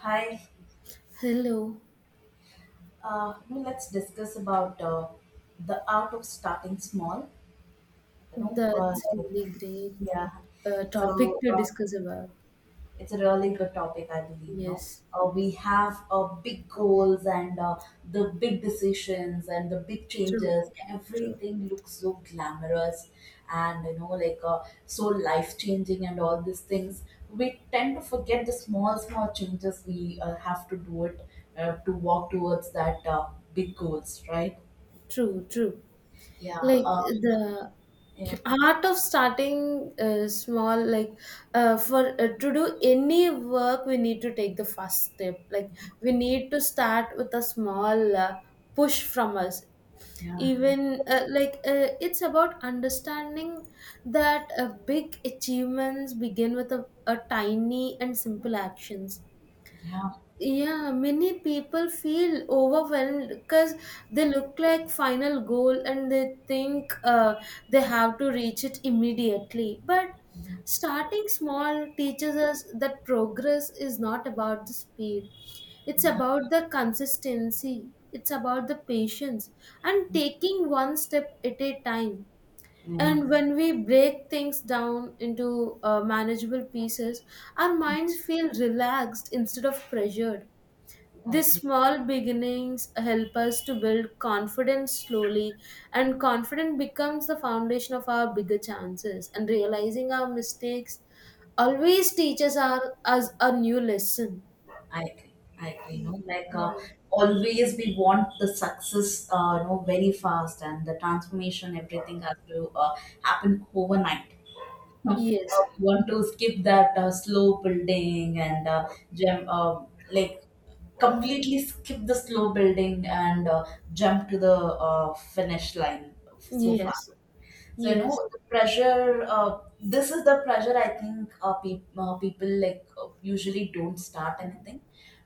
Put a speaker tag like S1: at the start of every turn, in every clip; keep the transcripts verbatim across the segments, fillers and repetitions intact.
S1: Hi,
S2: Hello,
S1: uh, you know, Let's discuss about uh, the art of starting small. You know, uh,
S2: that's
S1: like,
S2: really great
S1: yeah.
S2: uh, topic
S1: So,
S2: to
S1: uh,
S2: discuss about.
S1: it's a really good topic I believe. You know
S2: Yes,
S1: uh, we have uh, big goals and uh, the big decisions and the big
S2: true,
S1: changes,
S2: true,
S1: everything looks so glamorous and you know like uh, so life changing, and all these things, we tend to forget the small small changes we uh, have to do it uh, to walk towards that uh, big goals, right?
S2: true, true.
S1: Yeah,
S2: Like
S1: uh,
S2: the
S1: yeah,
S2: art of starting uh, small. Like, uh, for uh, to do any work, we need to take the first step. Like we need to start with a small uh, push from us.
S1: yeah,
S2: Even, uh, like uh, it's about understanding that, uh, big achievements begin with a, a tiny and simple actions.
S1: yeah, yeah,
S2: Yeah, many people feel overwhelmed because they look like final goal, and they think uh, they have to reach it immediately, but starting small teaches us that progress is not about the speed. It's
S1: yeah, yeah,
S2: about the consistency, it's about the patience, and taking one step at a time.
S1: yeah.
S2: And when we break things down into uh, manageable pieces, our minds feel relaxed instead of pressured.
S1: I
S2: These
S1: agree.
S2: small beginnings help us to build confidence slowly, and confidence becomes the foundation of our bigger chances. And realizing our mistakes always teaches our, us a new lesson.
S1: I agree. I agree. You know, like, uh, always we want the success, uh, you know, very fast, and the transformation, everything has to uh, happen overnight.
S2: Yes,
S1: Uh, we want to skip that uh, slow building and uh, jump, uh, like, completely skip the slow building and uh, jump to the uh, finish line so fast.
S2: yes,
S1: So, you
S2: yes,
S1: know the pressure. Uh, this is the pressure, I think, uh, pe uh, people, like, uh, usually don't start anything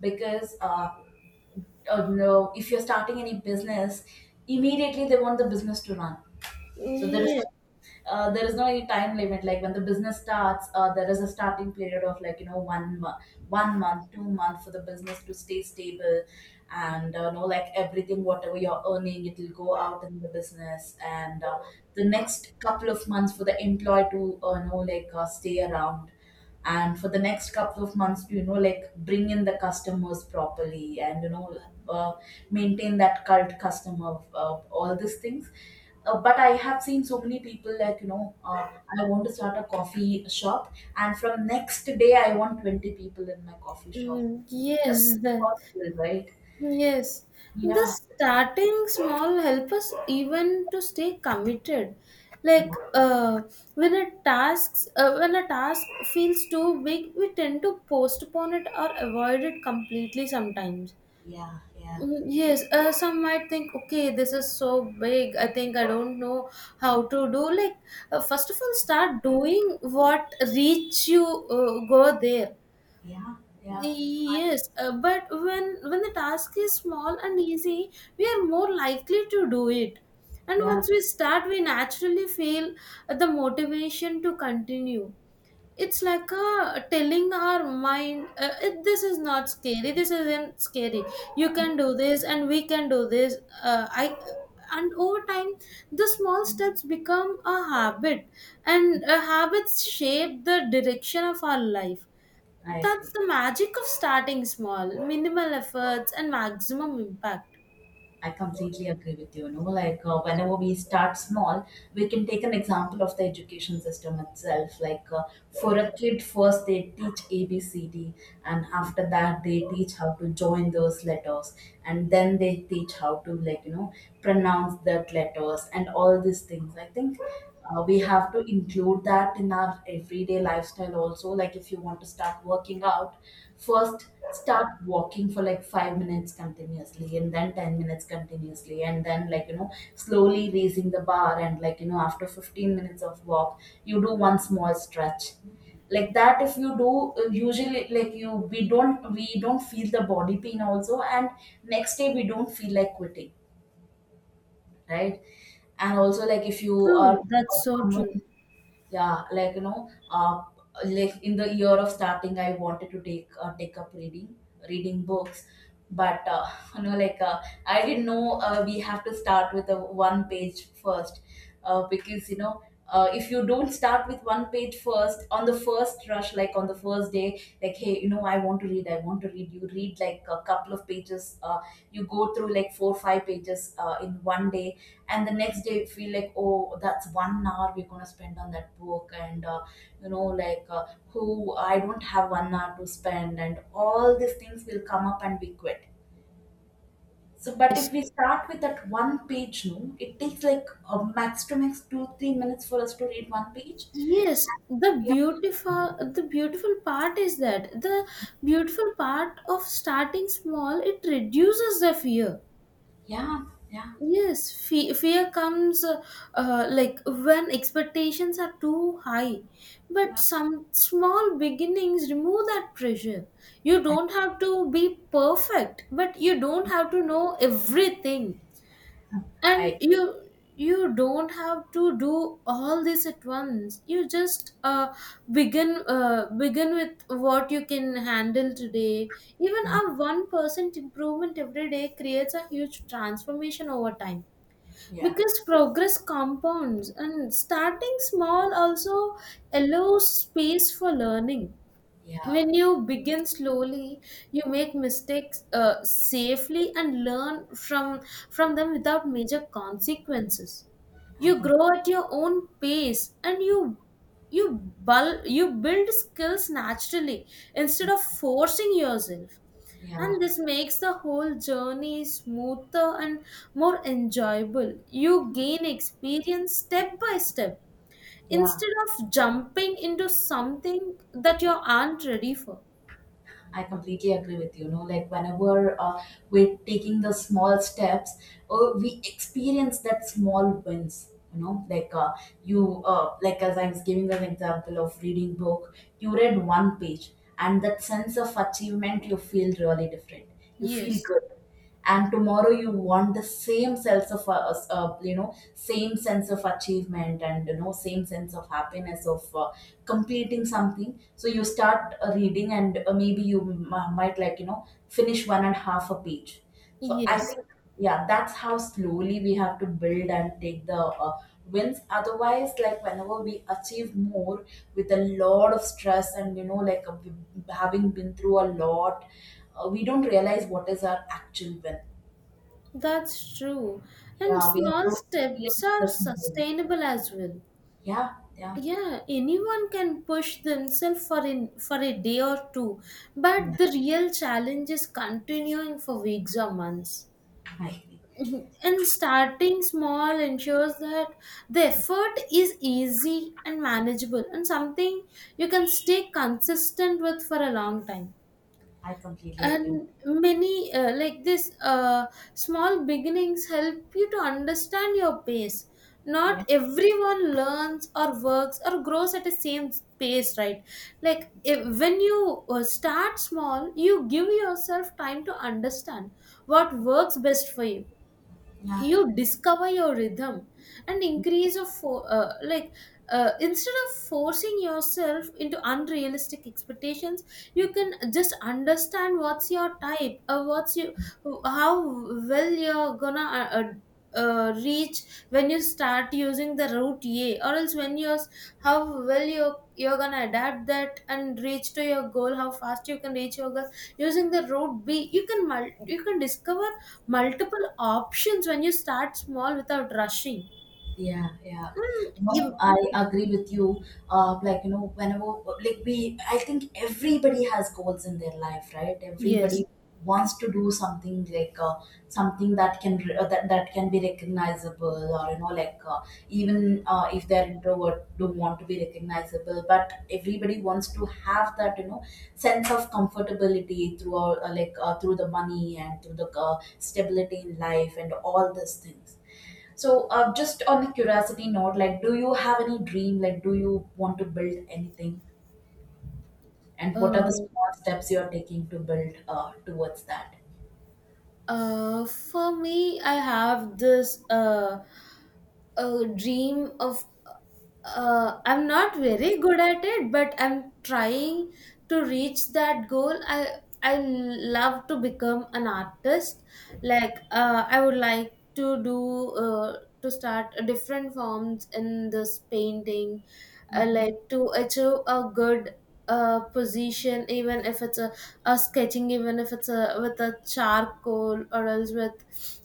S1: because uh, uh, no, if you're starting any business, immediately they want the business to run. So there is
S2: yes.
S1: no uh, there is no any time limit, like when the business starts uh, there is a starting period of like, you know one month one month two month for the business to stay stable. And uh, you know, like, everything whatever you're earning, it will go out in the business, and uh, the next couple of months for the employee to uh, you know like uh, stay around, and for the next couple of months to, you know, like, bring in the customers properly, and you know uh, maintain that cult customer of uh, all these things. Uh, but I have seen so many people, like, you know uh, I want to start a coffee shop and from next day I want twenty people in my coffee shop.
S2: Mm,
S1: That's
S2: yes.
S1: not
S2: That.
S1: possible, right?
S2: Yes, the
S1: Yeah,
S2: starting small help us even to stay committed.
S1: yeah,
S2: Like, uh, when a tasks uh, when a task feels too big, we tend to postpone it or avoid it completely sometimes.
S1: yeah, yeah,
S2: Mm, yes. Uh, some might think, okay, this is so big. I think I don't know how to do. Like, uh, first of all, start doing what reach you uh, go there.
S1: yeah, yeah,
S2: Yes. Uh, but when when the task is small and easy, we are more likely to do it. And
S1: yeah.
S2: once we start, we naturally feel the motivation to continue. It's like a telling our mind, uh, it, "This is not scary. This isn't scary. You can do this, and we can do this." Uh, I And over time, the small steps become a habit, and uh, habits shape the direction of our life.
S1: I
S2: That's
S1: agree.
S2: the magic of starting small, minimal efforts and maximum impact.
S1: I completely agree with you. You know, like, uh, whenever we start small, we can take an example of the education system itself. Like, uh, for a kid, first they teach A B C D, and after that they teach how to join those letters, and then they teach how to, like, you know pronounce that letters and all these things. I think uh, we have to include that in our everyday lifestyle also. Like, if you want to start working out, first start walking for like five minutes continuously and then ten minutes continuously and then, like, you know slowly raising the bar, and, like, you know after fifteen minutes of walk you do one small stretch. Like that, if you do uh, usually, like you we don't we don't feel the body pain also, and next day we don't feel like quitting, right? And also, like, if you are
S2: True, that's so true.
S1: someone, yeah, like you know uh, like in the year of starting, I wanted to take uh, take up reading reading books, but uh, you know like uh, I didn't know uh, we have to start with a one page first, uh, because, you know, uh, if you don't start with one page first, on the first rush, like on the first day, like, hey, you know, i want to read I want to read, you read like a couple of pages, uh, you go through like four five pages uh, in one day, and the next day you feel like, oh, that's one hour we're going to spend on that book, and uh, you know like uh, who I don't have one hour to spend, and all these things will come up and we quit. So, but if we start with that one page, no, it takes like a max to max two three minutes for us to read one page.
S2: Yes, the beautiful the beautiful part is that the beautiful part of starting small, it reduces the fear.
S1: Yeah, yeah,
S2: Yes, fe- fear comes, uh, uh, like when expectations are too high, but
S1: yeah.
S2: some small beginnings remove that pressure. You
S1: I
S2: don't have to be perfect, but you don't have to know everything. And
S1: I
S2: you you don't have to do all this at once. You just uh, begin uh, begin with what you can handle today. Even a one percent improvement every day creates a huge transformation over time,
S1: Yeah,
S2: because progress compounds. And starting small also allows space for learning.
S1: yeah.
S2: When you begin slowly, you make mistakes uh, safely and learn from, from them without major consequences.
S1: I
S2: You
S1: can
S2: grow at your own pace, and you you bul- you build skills naturally instead of forcing yourself.
S1: Yeah,
S2: And this makes the whole journey smoother and more enjoyable. You gain experience step by step
S1: yeah.
S2: instead of jumping into something that you aren't ready for.
S1: I completely agree with you. You know, like, whenever uh, we're taking the small steps, uh, we experience that small wins. You know, like uh, you, uh, like as I was giving an example of reading book, you read one page, and that sense of achievement, you feel really different. You feel
S2: Yes,
S1: good, and tomorrow you want the same sense of uh, uh, you know same sense of achievement, and you know, same sense of happiness of uh, completing something. So you start uh, reading, and uh, maybe you m- might, like, you know finish one and half a page. So I
S2: yes,
S1: think, yeah, that's how slowly we have to build and take the uh, wins. Otherwise, like, whenever we achieve more with a lot of stress and, you know, like, uh, having been through a lot, uh, we don't realize what is our actual win.
S2: that's true. And
S1: Yeah, we have
S2: small
S1: to
S2: steps
S1: experience
S2: are
S1: this moment.
S2: sustainable as well.
S1: Yeah, yeah,
S2: Yeah, anyone can push themselves for in for a day or two,
S1: yeah.
S2: but the real challenge is continuing for weeks or months.
S1: I agree.
S2: And starting small ensures that the effort is easy and manageable, and something you can stay consistent with for a long time.
S1: I completely agree.
S2: And many, uh, like this uh, small beginnings help you to understand your pace.
S1: Yeah,
S2: Not everyone learns or works or grows at the same pace, right? Like, if, when you uh, start small, you give yourself time to understand what works best for you.
S1: yeah.
S2: You discover your rhythm and increase of fo- uh, like uh, instead of forcing yourself into unrealistic expectations, you can just understand what's your type, or what's you, how well you're gonna uh, uh, uh, reach when you start using the route A, or else when you're, how well you you're gonna adapt that and reach to your goal, how fast you can reach your goal using the route B. You can mul- you can discover multiple options when you start small without rushing.
S1: Yeah, yeah.
S2: Hmm. You,
S1: No, I agree with you. Uh, like, you know, whenever, like, we, I think everybody has goals in their life, right? Everybody
S2: yes.
S1: wants to do something, like, uh, something that can re- uh, that, that can be recognizable, or, you know, like, uh, even uh, if they're introvert, don't want to be recognizable, but everybody wants to have that, you know, sense of comfortability through our, uh, like uh, through the money, and through the uh, stability in life and all these things. So, uh, just on the curiosity note, like, do you have any dream? Like, do you want to build anything? And what are the
S2: Uh,
S1: small steps you are taking to build uh, towards that?
S2: uh, for me, I have this. Uh, a dream of, uh, I'm not very good at it, but I'm trying to reach that goal. i I love to become an artist. Like, uh, I would like to do, uh, to start a different forms in this painting, uh, like to achieve a good uh, position, even if it's a, a sketching, even if it's a with a charcoal, or else with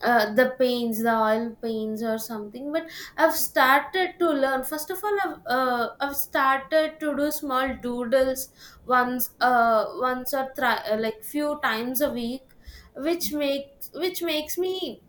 S2: uh, the paints the oil paints or something. But I've started to learn. First of all, i've, uh, I've started to do small doodles, once uh, once, or thri- uh, like few times a week, which makes, which makes me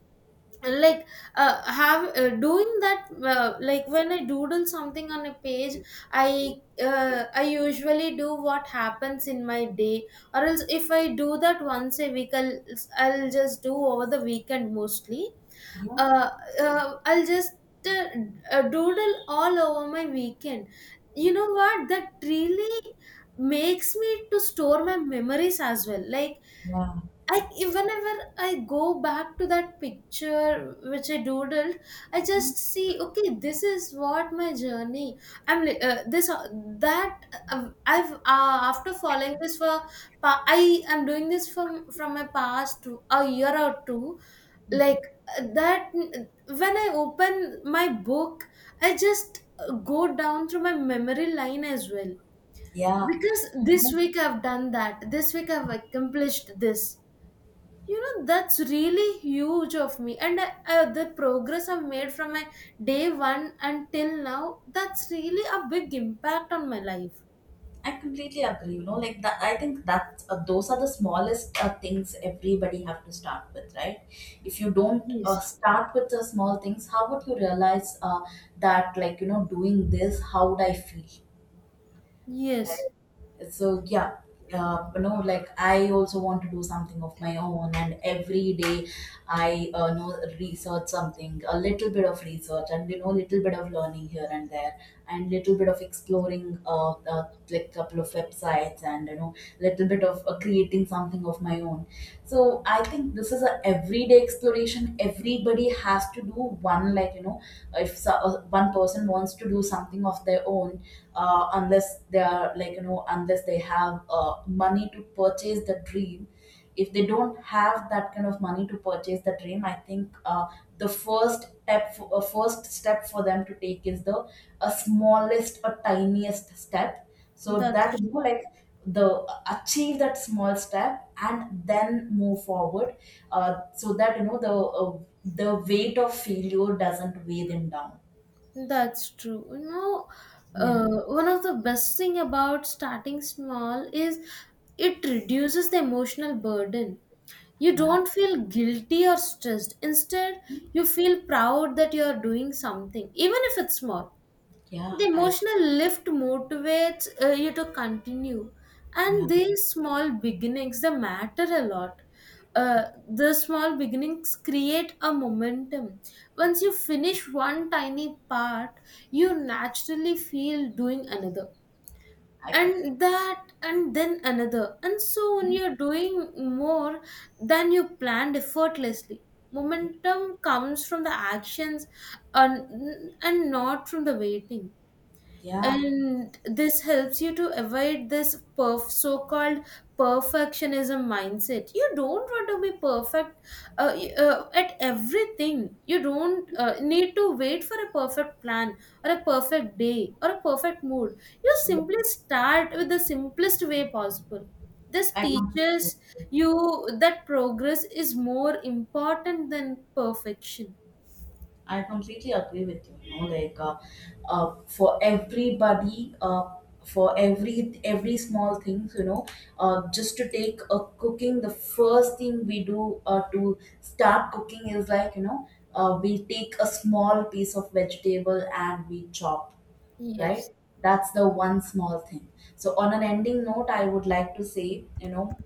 S2: like, uh, have uh, doing that. Uh, like when I doodle something on a page, i uh, I usually do what happens in my day, or else if I do that once a week, i'll, I'll just do over the weekend mostly.
S1: Yeah,
S2: uh, uh, I'll just uh, uh, doodle all over my weekend. You know what, that really makes me to store my memories as well. Like,
S1: yeah.
S2: I whenever I go back to that picture which I doodled, I just see, okay, this is what my journey. I'm li- uh, this uh, that uh, I've, uh, after following this for, pa- I am doing this from, from my past to a year or two,
S1: Mhm.
S2: like, uh, that. When I open my book, I just uh, go down through my memory line as well,
S1: Yeah.
S2: because
S1: You
S2: this
S1: know,
S2: week I've done that, this week I've accomplished this. You know, that's really huge of me. And I, I, the progress I've made from my day one until now, that's really a big impact on my life.
S1: I completely agree. You know, like that. I think that uh, those are the smallest uh, things everybody have to start with, right? If you don't uh,
S2: Yes.
S1: start with the small things, how would you realize uh, that, like, you know, doing this, how would I feel?
S2: Yes,
S1: Right. So yeah, uh, you know, like, I also want to do something of my own, and every day I uh, know research something, a little bit of research, and, you know, little bit of learning here and there, and little bit of exploring, uh, uh like, couple of websites, and, you know, little bit of uh, creating something of my own. So I think this is a everyday exploration everybody has to do one, like, you know, if so, uh, one person wants to do something of their own, uh, unless they are, like, you know, unless they have uh, money to purchase the dream. If they don't have that kind of money to purchase the dream, I think uh, the first step for, uh, first step for them to take is the a smallest or tiniest step, so that,
S2: that's
S1: you
S2: true.
S1: know, like, the uh, achieve that small step and then move forward, uh, so that, you know, the uh, the weight of failure doesn't weigh them down.
S2: That's true. You know,
S1: Yeah,
S2: uh, one of the best thing about starting small is it reduces the emotional burden. You
S1: yeah,
S2: don't feel guilty or stressed. Instead, you feel proud that you are doing something, even if it's small.
S1: yeah.
S2: The
S1: I
S2: emotional lift motivates uh, you to continue,
S1: Yeah,
S2: and these small beginnings, they matter a lot. Uh, the small beginnings create a momentum. Once you finish one tiny part, you naturally feel doing another,
S1: I completely
S2: and that, and then another, and soon
S1: yeah,
S2: you're doing more than you planned effortlessly.
S1: yeah,
S2: Momentum comes from the actions, and, and not from the waiting.
S1: yeah.
S2: And this helps you to avoid this perf- so-called perfectionism mindset. You don't want to be perfect uh, y- uh, at everything. You don't uh, need to wait for a perfect plan, or a perfect day, or a perfect mood. You
S1: Yeah.
S2: simply start with the simplest way possible. This
S1: I
S2: teaches
S1: completely,
S2: you that progress is more important than perfection.
S1: I completely agree with you. You know, like, uh, uh, for everybody, uh, for every every small things, you know, uh, just to take a cooking, the first thing we do uh, to start cooking is, like, you know, uh, we take a small piece of vegetable and we chop,
S2: Yes,
S1: right? That's the one small thing. So, on an ending note, I would like to say, you know,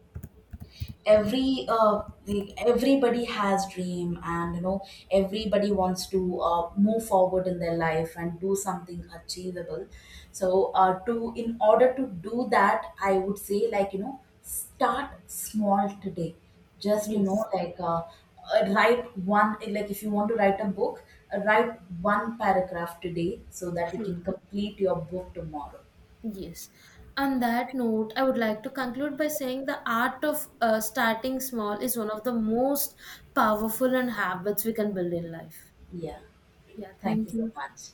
S1: every uh, the- everybody has dream, and you know, everybody wants to uh, move forward in their life and do something achievable. So, uh, to in order to do that, I would say, like, you know, start small today. Just, you know,
S2: yes,
S1: like uh, uh, write one like if you want to write a book, uh, write one paragraph today, so that you
S2: true.
S1: can complete your book tomorrow.
S2: Yes. On that note, I would like to conclude by saying the art of uh, starting small is one of the most powerful and habits we can build in life.
S1: Yeah.
S2: Yeah,
S1: Thank
S2: thank
S1: you so
S2: you.
S1: much.